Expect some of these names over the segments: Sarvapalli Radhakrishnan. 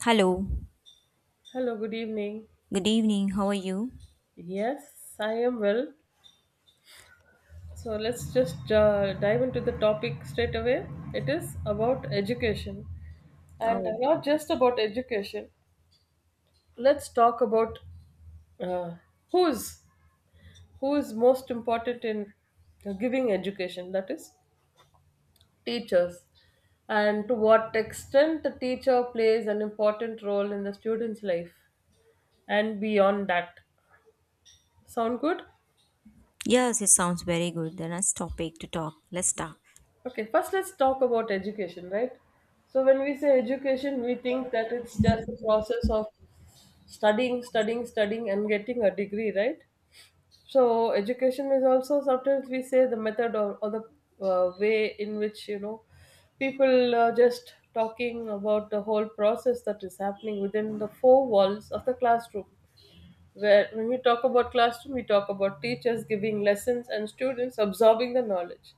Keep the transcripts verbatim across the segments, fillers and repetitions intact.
Hello, Hello, good evening. good evening. How are you? Yes, I am well. So let's just uh, dive into the topic straight away. It is about education, and Oh, not just about education. Let's talk about uh, who's who is most important in giving education. That is teachers, and to what extent the teacher plays an important role in the student's life and beyond that. Sound good? yes, it sounds very good. The next topic to talk. Let's start. Okay, first let's talk about education, right? So when we say education, we think that it's just the process of studying, studying, studying, and getting a degree, right? So education is also sometimes we say the method or, or the uh, way in which you know people are just talking about the whole process that is happening within the four walls of the classroom. Where when we talk about classroom, we talk about teachers giving lessons and students absorbing the knowledge.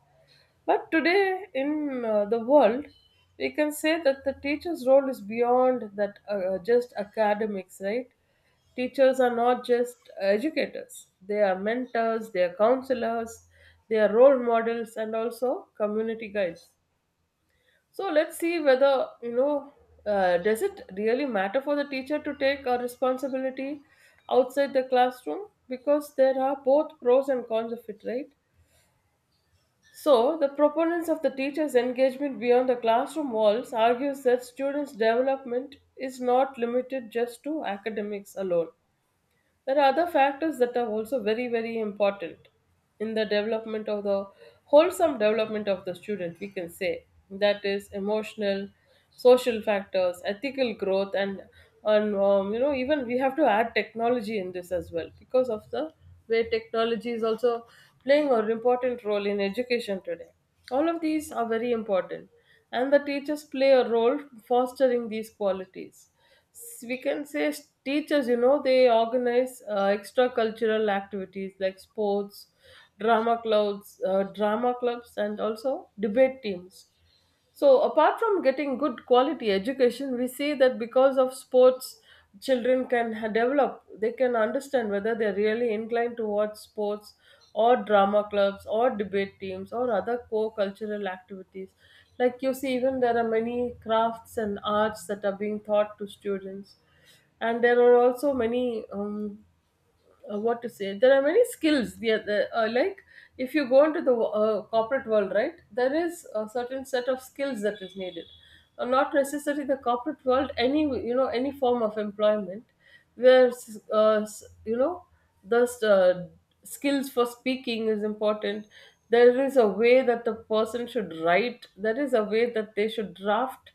But today in uh, the world, we can say that the teacher's role is beyond that uh, uh, just academics, right? Teachers are not just educators; they are mentors, they are counselors, they are role models, and also community guides. So let's see whether you know. Uh, does it really matter for the teacher to take a responsibility outside the classroom? Because there are both pros and cons of it, right? So, the proponents of the teacher's engagement beyond the classroom walls argues that students' development is not limited just to academics alone. There are other factors that are also very, very important in the development of the wholesome development of the student, we can say. That is emotional, social factors, ethical growth, and and um, you know even we have to add technology in this as well because of the way technology is also playing an important role in education today. All of these are very important, and the teachers play a role fostering these qualities s- we can say s- teachers you know they organize uh, extra cultural activities like sports drama clubs uh, drama clubs and also debate teams. So, apart from getting good quality education, we see that because of sports, children can ha- develop, they can understand whether they're really inclined towards sports or drama clubs or debate teams or other core cultural activities. Like you see, even there are many crafts and arts that are being taught to students, and there are also many. Um, uh, what to say, there are many skills, yeah, the, uh, uh, like if you go into the uh, corporate world, right, there is a certain set of skills that is needed. Uh, not necessarily the corporate world, any you know any form of employment where uh, s- you know the uh, skills for speaking is important. There is a way that the person should write, there is a way that they should draft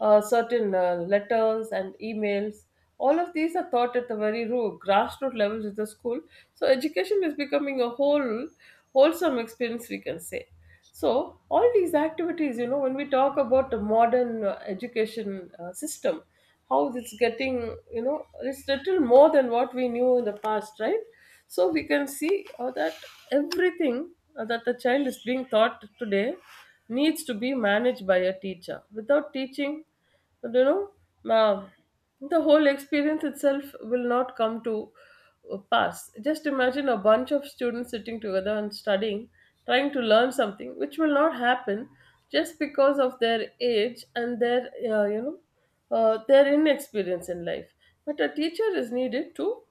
uh, certain uh, letters and emails. All of these are taught at the very root, grassroots levels of the school. So education is becoming a whole wholesome experience, we can say. So all these activities, you know, when we talk about the modern uh, education uh, system, how it's getting, you know, it's little more than what we knew in the past, right? So we can see uh, that everything uh, that the child is being taught today needs to be managed by a teacher. Without teaching, but, you know uh, the whole experience itself will not come to uh, pass. Just imagine a bunch of students sitting together and studying, trying to learn something which will not happen just because of their age and their uh, you know uh, their inexperience in life. But a teacher is needed to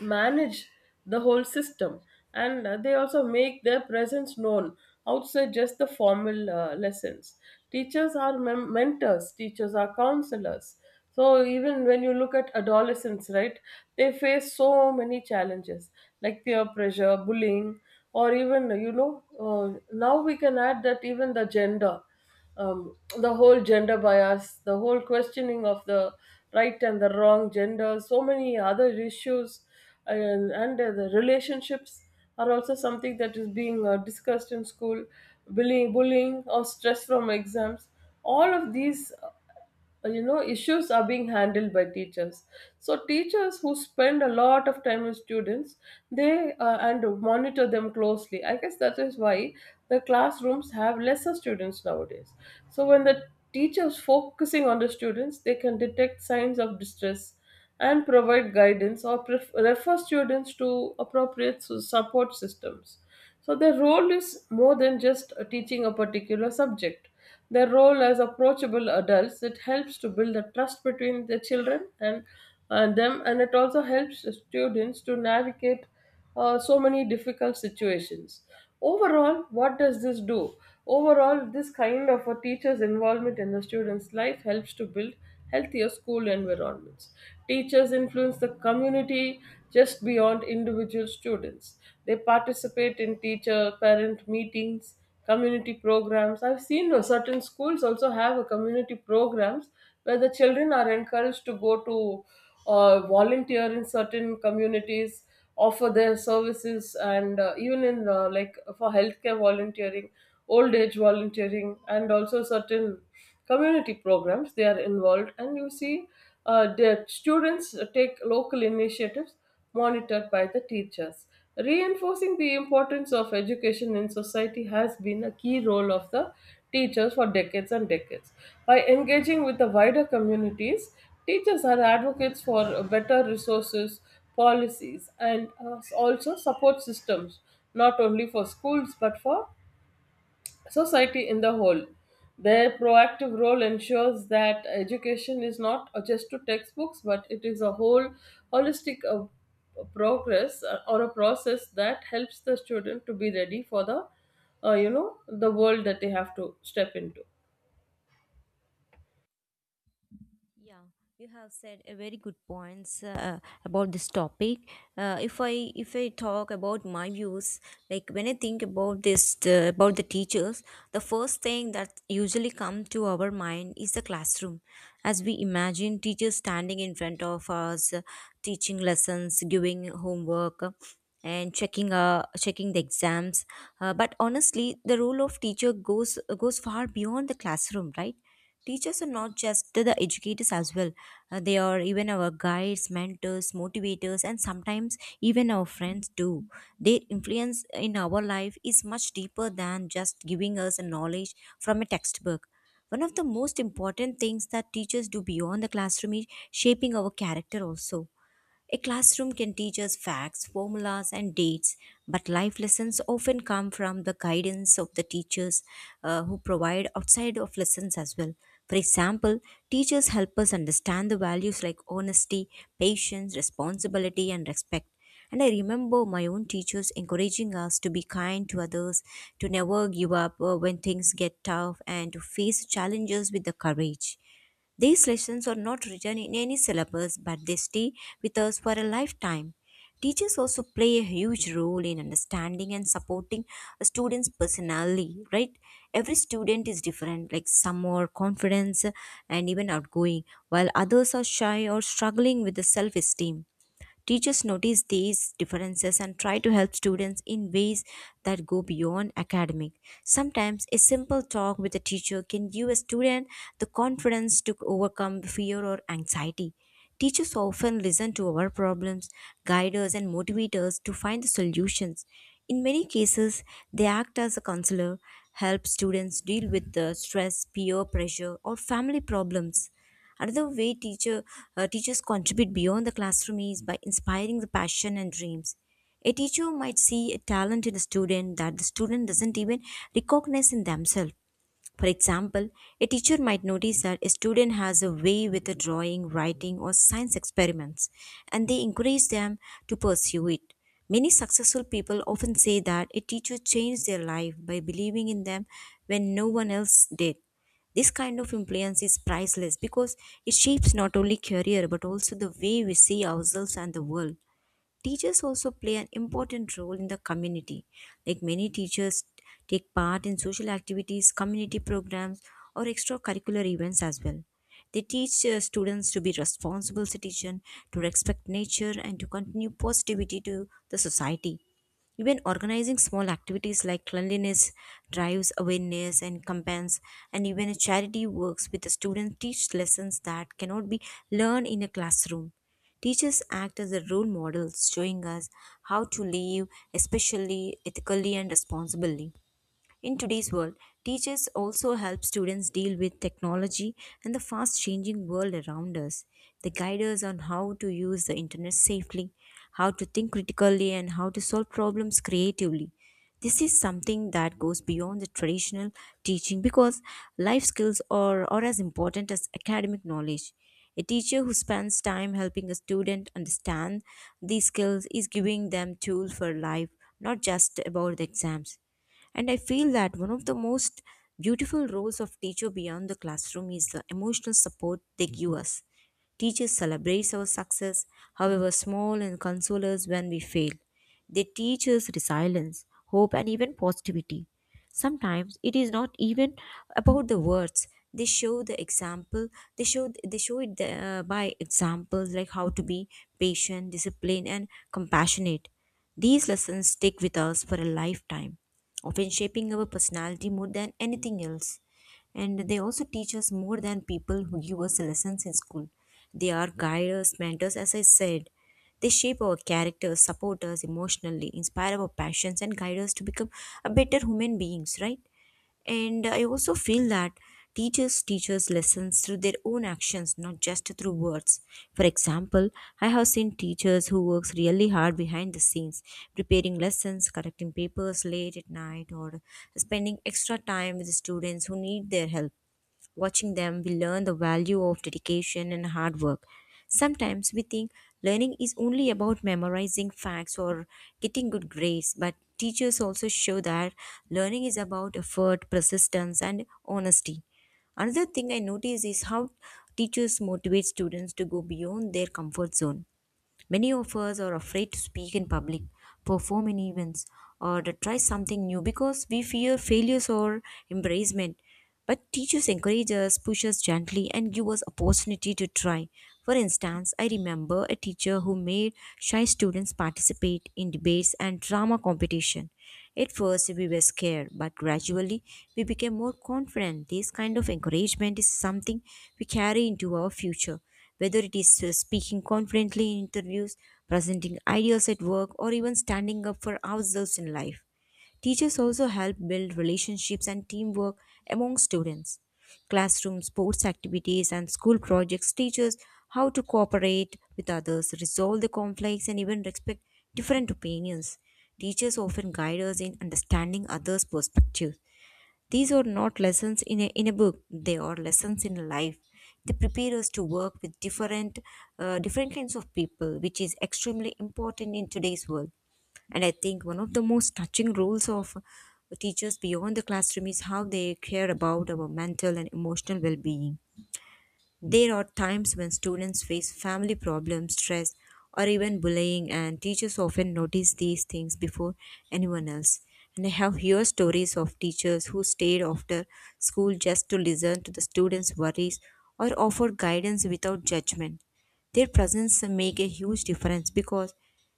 manage the whole system, and uh, they also make their presence known outside just the formal uh, lessons. Teachers are mem- mentors, teachers are counselors. So even when you look at adolescents, right, they face so many challenges like peer pressure, bullying, or even you know uh, now we can add that even the gender, um, the whole gender bias, the whole questioning of the right and the wrong, gender, so many other issues, and, and uh, the relationships are also something that is being uh, discussed in school, bullying, bullying, or stress from exams. All of these uh, you know issues are being handled by teachers. So teachers who spend a lot of time with students, they uh, and monitor them closely. I guess that is why the classrooms have lesser students nowadays. So when the teachers focusing on the students, they can detect signs of distress and provide guidance, or pref- refer students to appropriate su- support systems. So their role is more than just uh, teaching a particular subject. Their role as approachable adults, it helps to build a trust between the children and uh, them, and it also helps the students to navigate uh, so many difficult situations. Overall, what does this do? Overall, this kind of a teacher's involvement in the student's life helps to build healthier school environments. Teachers influence the community just beyond individual students. They participate in teacher parent meetings, community programs. I've seen uh, certain schools also have a community programs where the children are encouraged to go to uh, volunteer in certain communities, offer their services, and uh, even in uh, like for healthcare volunteering, old age volunteering, and also certain community programs they are involved. And you see uh, the students take local initiatives monitored by the teachers. Reinforcing the importance of education in society has been a key role of the teachers for decades and decades. By engaging with the wider communities, teachers are advocates for better resources, policies, and uh, also support systems, not only for schools but for society in the whole. Their proactive role ensures that education is not just to textbooks, but it is a whole holistic uh, progress uh, or a process that helps the student to be ready for the, uh, you know, the world that they have to step into. Yeah, you have said a very good points uh, about this topic. Uh, if I if I talk about my views, like when I think about this uh, about the teachers, the first thing that usually comes to our mind is the classroom. As we imagine teachers standing in front of us, uh, teaching lessons, giving homework, uh, and checking uh, checking the exams. Uh, but honestly, the role of teacher goes goes far beyond the classroom, right? Teachers are not just the educators as well. Uh, they are even our guides, mentors, motivators, and sometimes even our friends too. Their influence in our life is much deeper than just giving us a knowledge from a textbook. One of the most important things that teachers do beyond the classroom is shaping our character also a classroom can teach us facts, formulas, and dates, but life lessons often come from the guidance of the teachers uh, who provide outside of lessons as well. For example, teachers help us understand the values like honesty, patience, responsibility, and respect. And I remember my own teachers encouraging us to be kind to others, to never give up uh, when things get tough, and to face challenges with the courage. These lessons are not written in any syllabus, but they stay with us for a lifetime. Teachers also play a huge role in understanding and supporting a student's personality, right? Every student is different, like some are confident and even outgoing, while others are shy or struggling with the self esteem. Teachers notice these differences and try to help students in ways that go beyond academic. Sometimes a simple talk with a teacher can give a student the confidence to overcome fear or anxiety. Teachers often listen to our problems, guide us, and motivate us to find the solutions. In many cases, they act as a counselor, help students deal with the stress, peer pressure, or family problems. Another way teacher, uh, teachers contribute beyond the classroom is by inspiring the passion and dreams. A teacher might see a talent in a student that the student doesn't even recognize in themselves. For example, a teacher might notice that a student has a way with a drawing, writing, or science experiments, and they encourage them to pursue it. Many successful people often say that a teacher changed their life by believing in them when no one else did. This kind of influence is priceless because it shapes not only career but also the way we see ourselves and the world. Teachers also play an important role in the community. Like many teachers take part in social activities, community programs, or extracurricular events as well. They teach uh, students to be responsible citizens, to respect nature, and to continue positivity to the society. Even organizing small activities like cleanliness drives awareness and campaigns, and even a charity works with the students teach lessons that cannot be learned in a classroom. Teachers act as the role models, showing us how to live, especially ethically and responsibly. In today's world, teachers also help students deal with technology and the fast changing world around us. They guide us on how to use the internet safely, how to think critically, and how to solve problems creatively. This is something that goes beyond the traditional teaching because life skills are, are as important as academic knowledge. A teacher who spends time helping a student understand these skills is giving them tools for life, not just about the exams. And I feel that one of the most beautiful roles of teacher beyond the classroom is the emotional support they give us. Teachers celebrate our success, however small, and console us when we fail. They teach us resilience, hope, and even positivity. Sometimes it is not even about the words. They show the example. They show they show it uh, by examples like how to be patient, disciplined, and compassionate. These lessons stick with us for a lifetime often shaping our personality more than anything else. And they also teach us more than people who give us lessons in school. They are guides, mentors, as I said. They shape our characters, support us emotionally, inspire our passions, and guide us to become a better human beings, right? And I also feel that teachers teach us lessons through their own actions, not just through words. For example, I have seen teachers who works really hard behind the scenes, preparing lessons, correcting papers late at night, or spending extra time with the students who need their help. Watching them, we learn the value of dedication and hard work. Sometimes we think learning is only about memorizing facts or getting good grades, but teachers also show that learning is about effort, persistence, and honesty. Another thing I notice is how teachers motivate students to go beyond their comfort zone. Many of us are afraid to speak in public, perform in events, or to try something new because we fear failures or embarrassment. But teachers encourage us, push us gently, and give us opportunity to try. For instance, I remember a teacher who made shy students participate in debates and drama competition. At first, we were scared, but gradually, we became more confident. This kind of encouragement is something we carry into our future whether it is uh, speaking confidently in interviews, presenting ideas at work, or even standing up for ourselves in life. Teachers also help build relationships and teamwork among students. Classroom sports activities and school projects teach us how to cooperate with others, resolve the conflicts, and even respect different opinions. Teachers often guide us in understanding others' perspectives. These are not lessons in a, in a book, they are lessons in life. They prepare us to work with different, uh, different kinds of people, which is extremely important in today's world. And I think one of the most touching roles of teachers beyond the classroom is how they care about our mental and emotional well being. There are times when students face family problems, stress, or even bullying, and teachers often notice these things before anyone else. And I have heard stories of teachers who stayed after school just to listen to the students' worries or offer guidance without judgment. Their presence make a huge difference because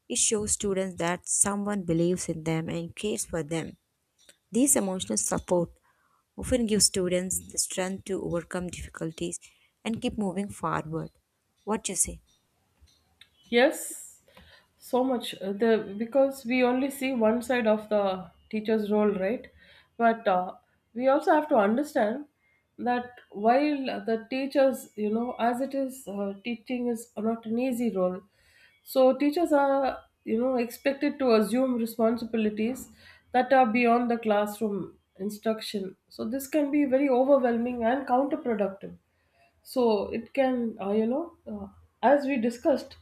it shows students that someone believes in them and cares for them. This emotional support often give students the strength to overcome difficulties and keep moving forward. What you say? Yes, so much. Uh, The Because we only see one side of the teacher's role, right? But uh, we also have to understand that while the teachers, you know, as it is, uh, teaching is not an easy role. So teachers are, you know, expected to assume responsibilities that are beyond the classroom instruction. So this can be very overwhelming and counterproductive. So it can uh, you know uh, as we discussed,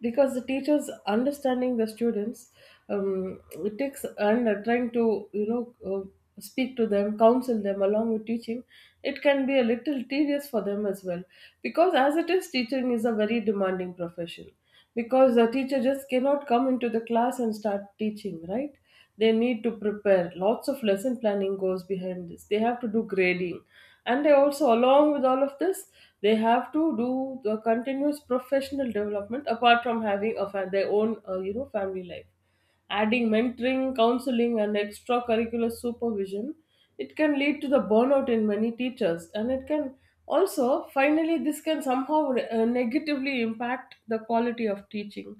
because the teachers understanding the students, um, it takes, and are trying to you know uh, speak to them, counsel them along with teaching, it can be a little tedious for them as well, because as it is, teaching is a very demanding profession. Because the teacher just cannot come into the class and start teaching, right? They need to prepare, lots of lesson planning goes behind this, they have to do grading, and they also, along with all of this, they have to do the continuous professional development, apart from having a fa- their own uh, you know family life. Adding mentoring, counseling, and extracurricular supervision, it can lead to the burnout in many teachers, and it can also finally this can somehow uh, negatively impact the quality of teaching,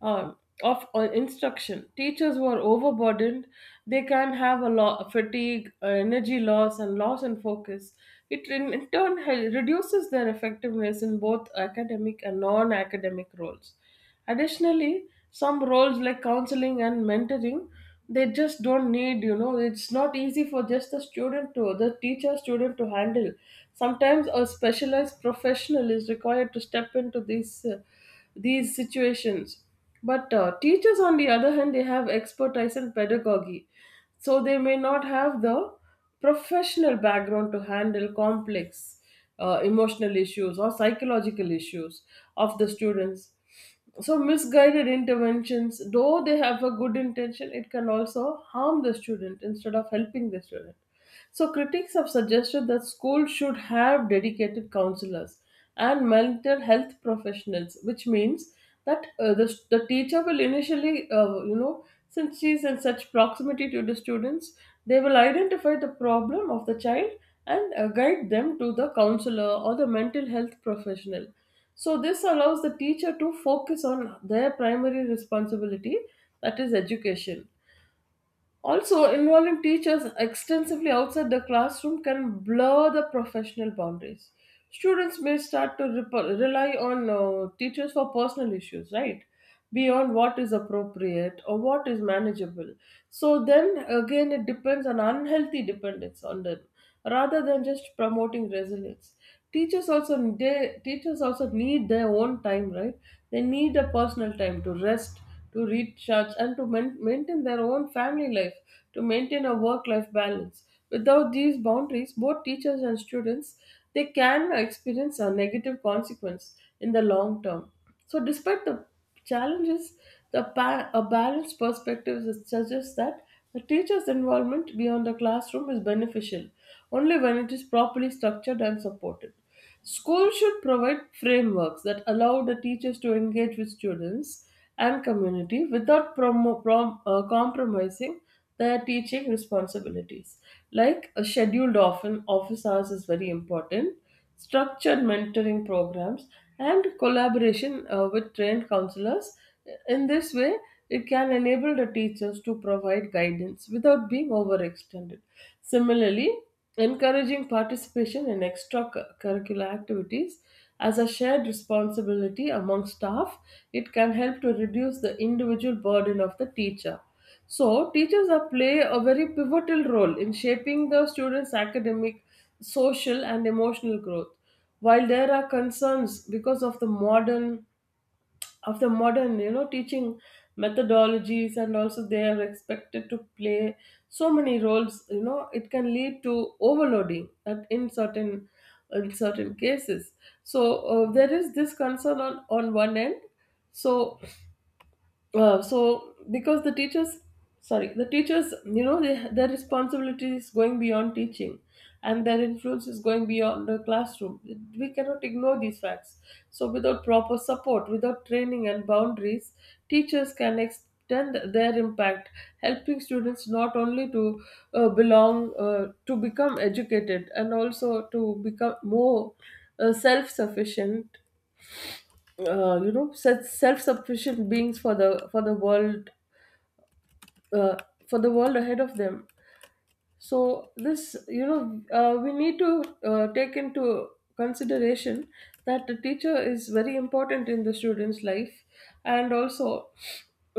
um, of uh, instruction. Teachers who are overburdened, they can have a lot of fatigue, uh, energy loss, and loss in focus. It in, in turn hel- reduces their effectiveness in both academic and non-academic roles. Additionally, some roles like counseling and mentoring, they just don't need, you know, it's not easy for just the student to, the teacher student to handle. Sometimes a specialized professional is required to step into these, uh, these situations. But uh, teachers, on the other hand, they have expertise in pedagogy, so they may not have the professional background to handle complex uh, emotional issues or psychological issues of the students. So, misguided interventions, though they have a good intention, it can also harm the student instead of helping the student. So, critics have suggested that schools should have dedicated counselors and mental health professionals, which means that uh, the, the teacher will initially, uh, you know, since she's in such proximity to the students, they will identify the problem of the child and uh, guide them to the counselor or the mental health professional. So, this allows the teacher to focus on their primary responsibility, that is, education. Also, involving teachers extensively outside the classroom can blur the professional boundaries. Students may start to rep- rely on uh, teachers for personal issues, right? Beyond what is appropriate or what is manageable. So, then again, it depends on unhealthy dependence on them rather than just promoting resilience. Teachers also they, teachers also need their own time, right? They need a personal time to rest, to recharge, and to main, maintain their own family life, to maintain a work-life balance. Without these boundaries, both teachers and students they can experience a negative consequence in the long term. So, despite the challenges, the ba- a balanced perspective is- suggests that the teacher's involvement beyond the classroom is beneficial only when it is properly structured and supported. Schools should provide frameworks that allow the teachers to engage with students and community without promo- prom- uh, compromising their teaching responsibilities. Like a scheduled often office hours is very important, structured mentoring programs, and collaboration uh, with trained counselors. In this way, it can enable the teachers to provide guidance without being overextended. Similarly, encouraging participation in extracurricular activities as a shared responsibility among staff, it can help to reduce the individual burden of the teacher. So, teachers are play a very pivotal role in shaping the students' academic, social, and emotional growth. While there are concerns because of the modern of the modern, you know, teaching methodologies, and also they are expected to play so many roles. You know, it can lead to overloading at in certain in certain cases. So, uh, there is this concern on on one end. So uh, so because the teachers, sorry, the teachers, you know they, their responsibility is going beyond teaching, and their influence is going beyond the classroom. We cannot ignore these facts. So without proper support, without training and boundaries, teachers can extend their impact, helping students not only to uh, belong uh, to become educated, and also to become more uh, self-sufficient, uh, you know self- self-sufficient beings for the for the world, uh, for the world ahead of them. So this, you know, uh, we need to uh, take into consideration that the teacher is very important in the student's life, and also,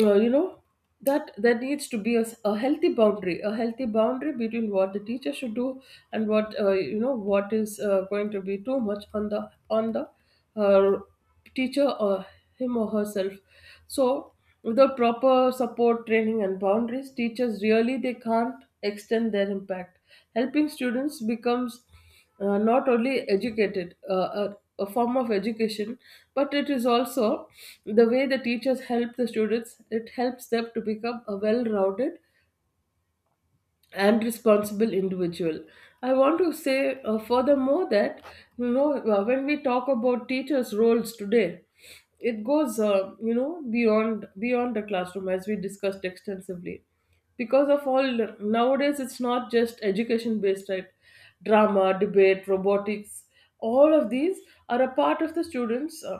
uh, you know, that there needs to be a, s- a healthy boundary, a healthy boundary between what the teacher should do, and what uh, you know what is uh, going to be too much on the on the, uh, teacher or him or herself. So without proper support, training and boundaries, teachers really they can't extend their impact, helping students becomes uh, not only educated, uh, a, a form of education, but it is also the way the teachers help the students, it helps them to become a well-rounded and responsible individual. I want to say, uh, furthermore, that, you know uh, when we talk about teachers roles today, it goes, uh, you know beyond beyond the classroom, as we discussed extensively. Because of all, nowadays it's not just education based, right? Drama, debate, robotics, all of these are a part of the students' uh,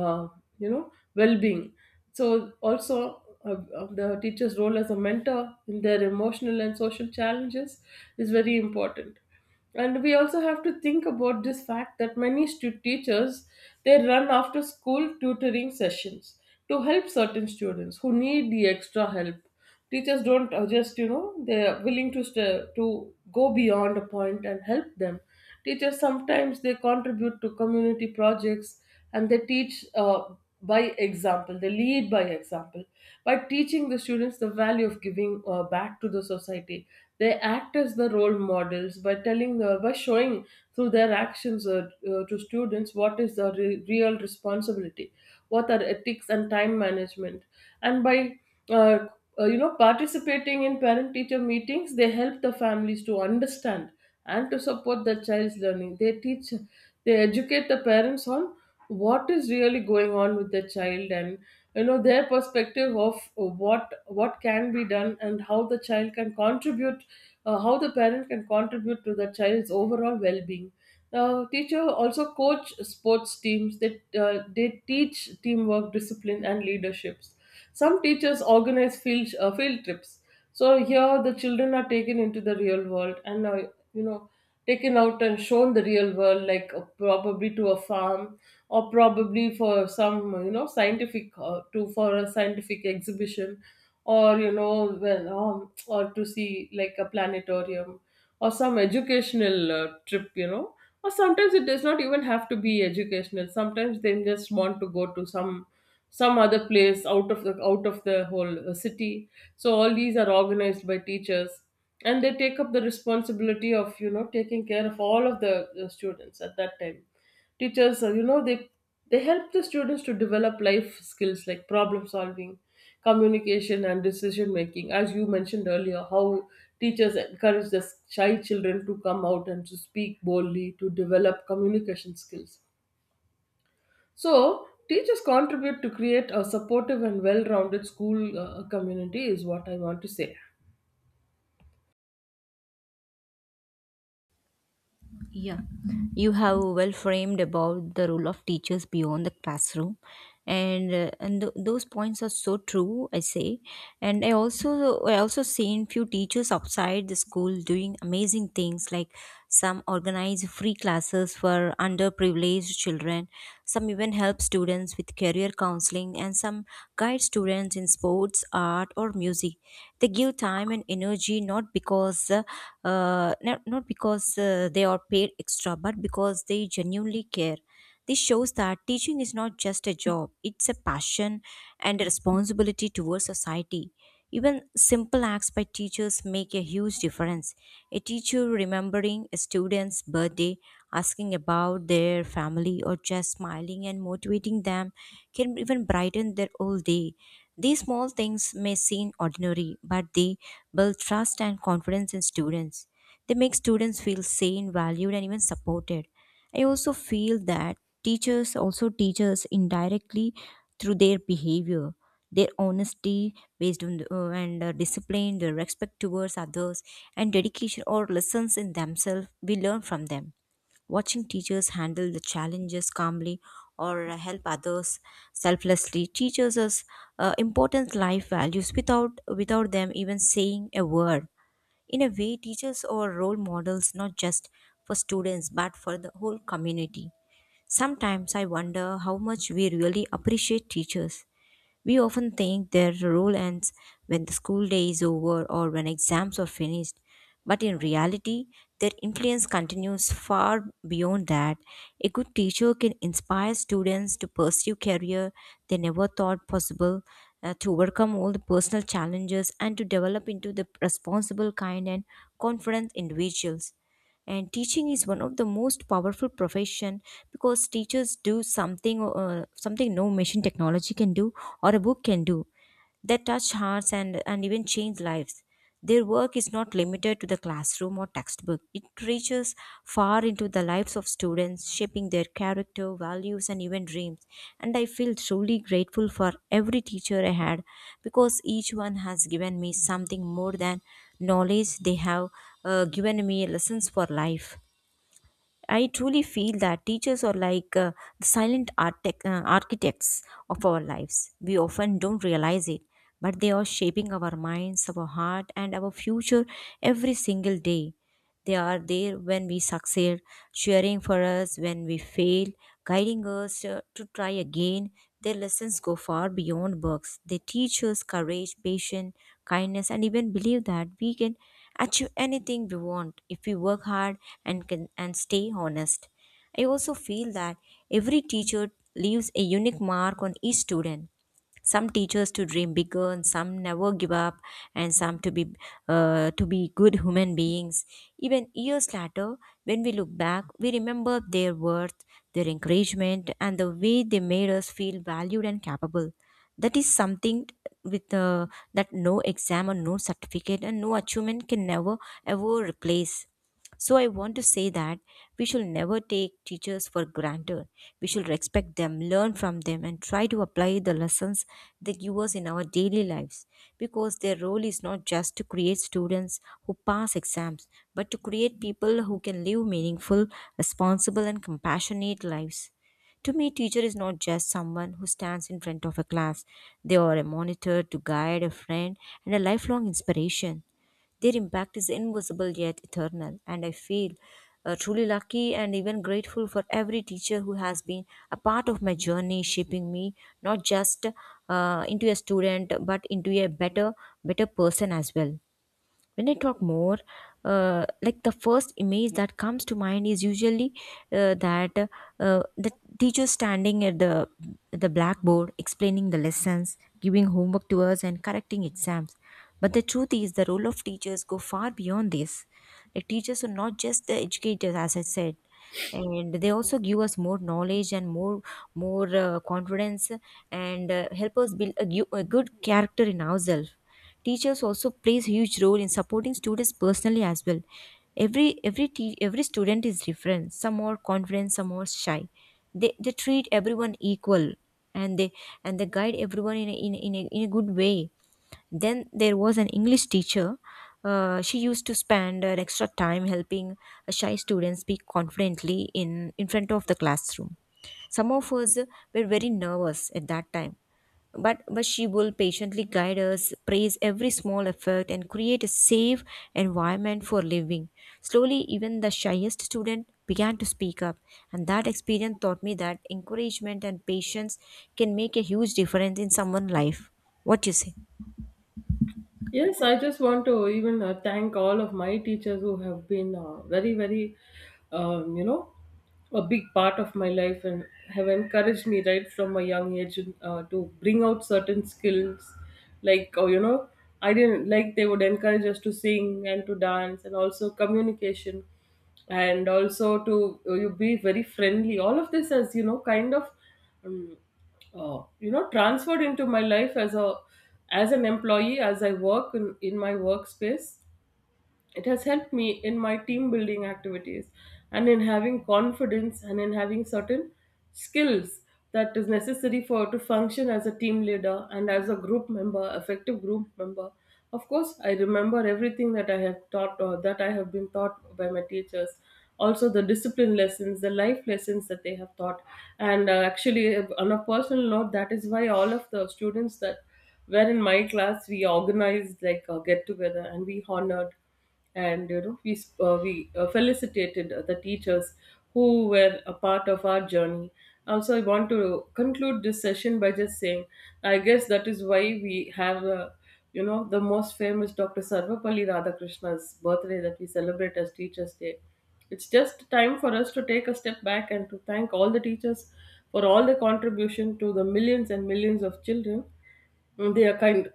uh, you know well-being. So also, uh, uh, the teacher's role as a mentor in their emotional and social challenges is very important. And we also have to think about this fact that many stu- teachers, they run after school tutoring sessions to help certain students who need the extra help. Teachers don't, uh, just you know they're willing to st- to go beyond a point and help them. Teachers sometimes they contribute to community projects, and they teach, uh, by example. They lead by example by teaching the students the value of giving uh, back to the society. They act as the role models by telling the by showing through their actions, uh, uh, to students what is the re- real responsibility, what are ethics and time management, and by uh, uh, you know participating in parent teacher meetings, they help the families to understand and to support the child's learning. They teach, they educate the parents on what is really going on with the child, and you know their perspective of what what can be done, and how the child can contribute, uh, how the parent can contribute to the child's overall well-being. Uh, teacher also coach sports teams, that uh, they teach teamwork, discipline, and leaderships. Some teachers organize field uh, field trips. So here the children are taken into the real world and, uh, you know taken out and shown the real world, like, uh, probably to a farm, or probably for some, you know scientific, uh, to for a scientific exhibition, or, you know well um, or to see like a planetarium, or some educational uh, trip, you know or sometimes it does not even have to be educational, sometimes they just want to go to some some other place out of the out of the whole, uh, city. So all these are organized by teachers, and they take up the responsibility of, you know taking care of all of the uh, students at that time. Teachers, uh, you know they they help the students to develop life skills like problem solving, communication, and decision making, as you mentioned earlier how teachers encourage the shy children to come out and to speak boldly to develop communication skills. So teachers contribute to create a supportive and well-rounded school uh, community is what I want to say. You have well framed about the role of teachers beyond the classroom, and uh, and th- those points are so true I say. And i also i also seen few teachers outside the school doing amazing things, like some organize free classes for underprivileged children. Some even help students with career counseling, and some guide students in sports, art, or music. They give time and energy not because uh, uh, not, not because uh, they are paid extra, but because they genuinely care. This shows that teaching is not just a job; it's a passion and a responsibility towards society. Even simple acts by teachers make a huge difference. A teacher remembering a student's birthday, asking about their family, or just smiling and motivating them can even brighten their whole day. These small things may seem ordinary, but they build trust and confidence in students. They make students feel seen, valued, and even supported. I also feel that teachers also teach us indirectly through their behavior. Their honesty, based on the, uh, and uh, discipline, their respect towards others, and dedication or lessons in themselves, we learn from them. Watching teachers handle the challenges calmly or uh, help others selflessly teaches us uh, important life values without without them even saying a word. In a way, teachers are role models not just for students but for the whole community. Sometimes I wonder how much we really appreciate teachers. We often think their role ends when the school day is over or when exams are finished, but in reality, their influence continues far beyond that. A good teacher can inspire students to pursue career they never thought possible, uh, to overcome all the personal challenges and to develop into the responsible kind and confident individuals. And teaching is one of the most powerful profession because teachers do something uh, something no machine technology can do or a book can do, that touch hearts and, and even change lives. Their work is not limited to the classroom or textbook. It reaches far into the lives of students, shaping their character, values, and even dreams. And I feel truly grateful for every teacher I had because each one has given me something more than knowledge. They have uh, given me lessons for life. I truly feel that teachers are like uh, the silent architect, uh, architects of our lives. We often don't realize it, but they are shaping our minds, our heart, and our future every single day. They are there when we succeed, cheering for us when we fail, guiding us uh, to try again. Their lessons go far beyond books. They teach us courage, patience, kindness, and even believe that we can achieve anything we want if we work hard and can and stay honest. I also feel that every teacher leaves a unique mark on each student. Some teachers to dream bigger, and some never give up, and some to be uh, to be good human beings. Even years later, when we look back, we remember their worth, their encouragement, and the way they made us feel valued and capable. That is something with uh, that no exam or no certificate and no achievement can never ever replace. So I want to say that we should never take teachers for granted. We should respect them, learn from them, and try to apply the lessons they give us in our daily lives. Because their role is not just to create students who pass exams, but to create people who can live meaningful, responsible, and compassionate lives. To me, teacher is not just someone who stands in front of a class. They are a monitor, to guide, a friend, and a lifelong inspiration. Their impact is invisible yet eternal, and I feel uh, truly lucky and even grateful for every teacher who has been a part of my journey, shaping me not just uh, into a student but into a better, better person as well. When I talk more, uh, like the first image that comes to mind is usually uh, that uh, the teacher standing at the the blackboard explaining the lessons, giving homework to us, and correcting exams. But the truth is, the role of teachers go far beyond this. Like teachers are not just the educators, as I said, and they also give us more knowledge and more more uh, confidence and uh, help us build a, gu- a good character in ourselves. Teachers also plays huge role in supporting students personally as well. Every every te- every student is different. Some are confident, some are shy. They they treat everyone equal, and they and they guide everyone in a, in a, in, a, in a good way. Then there was an English teacher, uh, she used to spend an extra time helping a shy students speak confidently in in front of the classroom. Some of us were very nervous at that time, but, but she will patiently guide us, praise every small effort, and create a safe environment for living. Slowly, even the shyest student began to speak up, and that experience taught me that encouragement and patience can make a huge difference in someone's life. What you say? Yes, I just want to even uh, thank all of my teachers who have been, uh, very, very, um, you know, a big part of my life, and have encouraged me right from a young age, uh, to bring out certain skills. Like, oh, you know, I didn't like, they would encourage us to sing and to dance, and also communication, and also to uh, you be very friendly. All of this has, you know, kind of, um, uh, you know transferred into my life as a, as an employee, as I work in, in my workspace. It has helped me in my team building activities, and in having confidence, and in having certain skills that is necessary for to function as a team leader, and as a group member, effective group member. Of course, I remember everything that I have taught, or that I have been taught by my teachers. Also, the discipline lessons, the life lessons that they have taught. And, uh, actually, on a personal note, that is why all of the students that were in my class, we organized like a get together, and we honored, and you know we sp- uh, we uh, felicitated the teachers who were a part of our journey. Also I want to conclude this session by just saying, I guess that is why we have, uh, you know the most famous doctor sarvapalli Radhakrishna's birthday, that we celebrate as Teachers Day. It's just time for us to take a step back, and to thank all the teachers for all their contribution to the millions and millions of children. They are kind,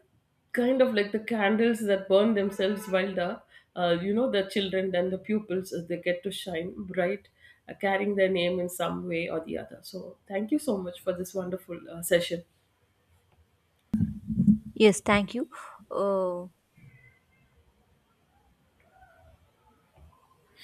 kind of like the candles that burn themselves while the, uh, you know the children and the pupils, uh, they get to shine bright, uh, carrying their name in some way or the other. So thank you so much for this wonderful uh, session. Yes, thank you. Uh,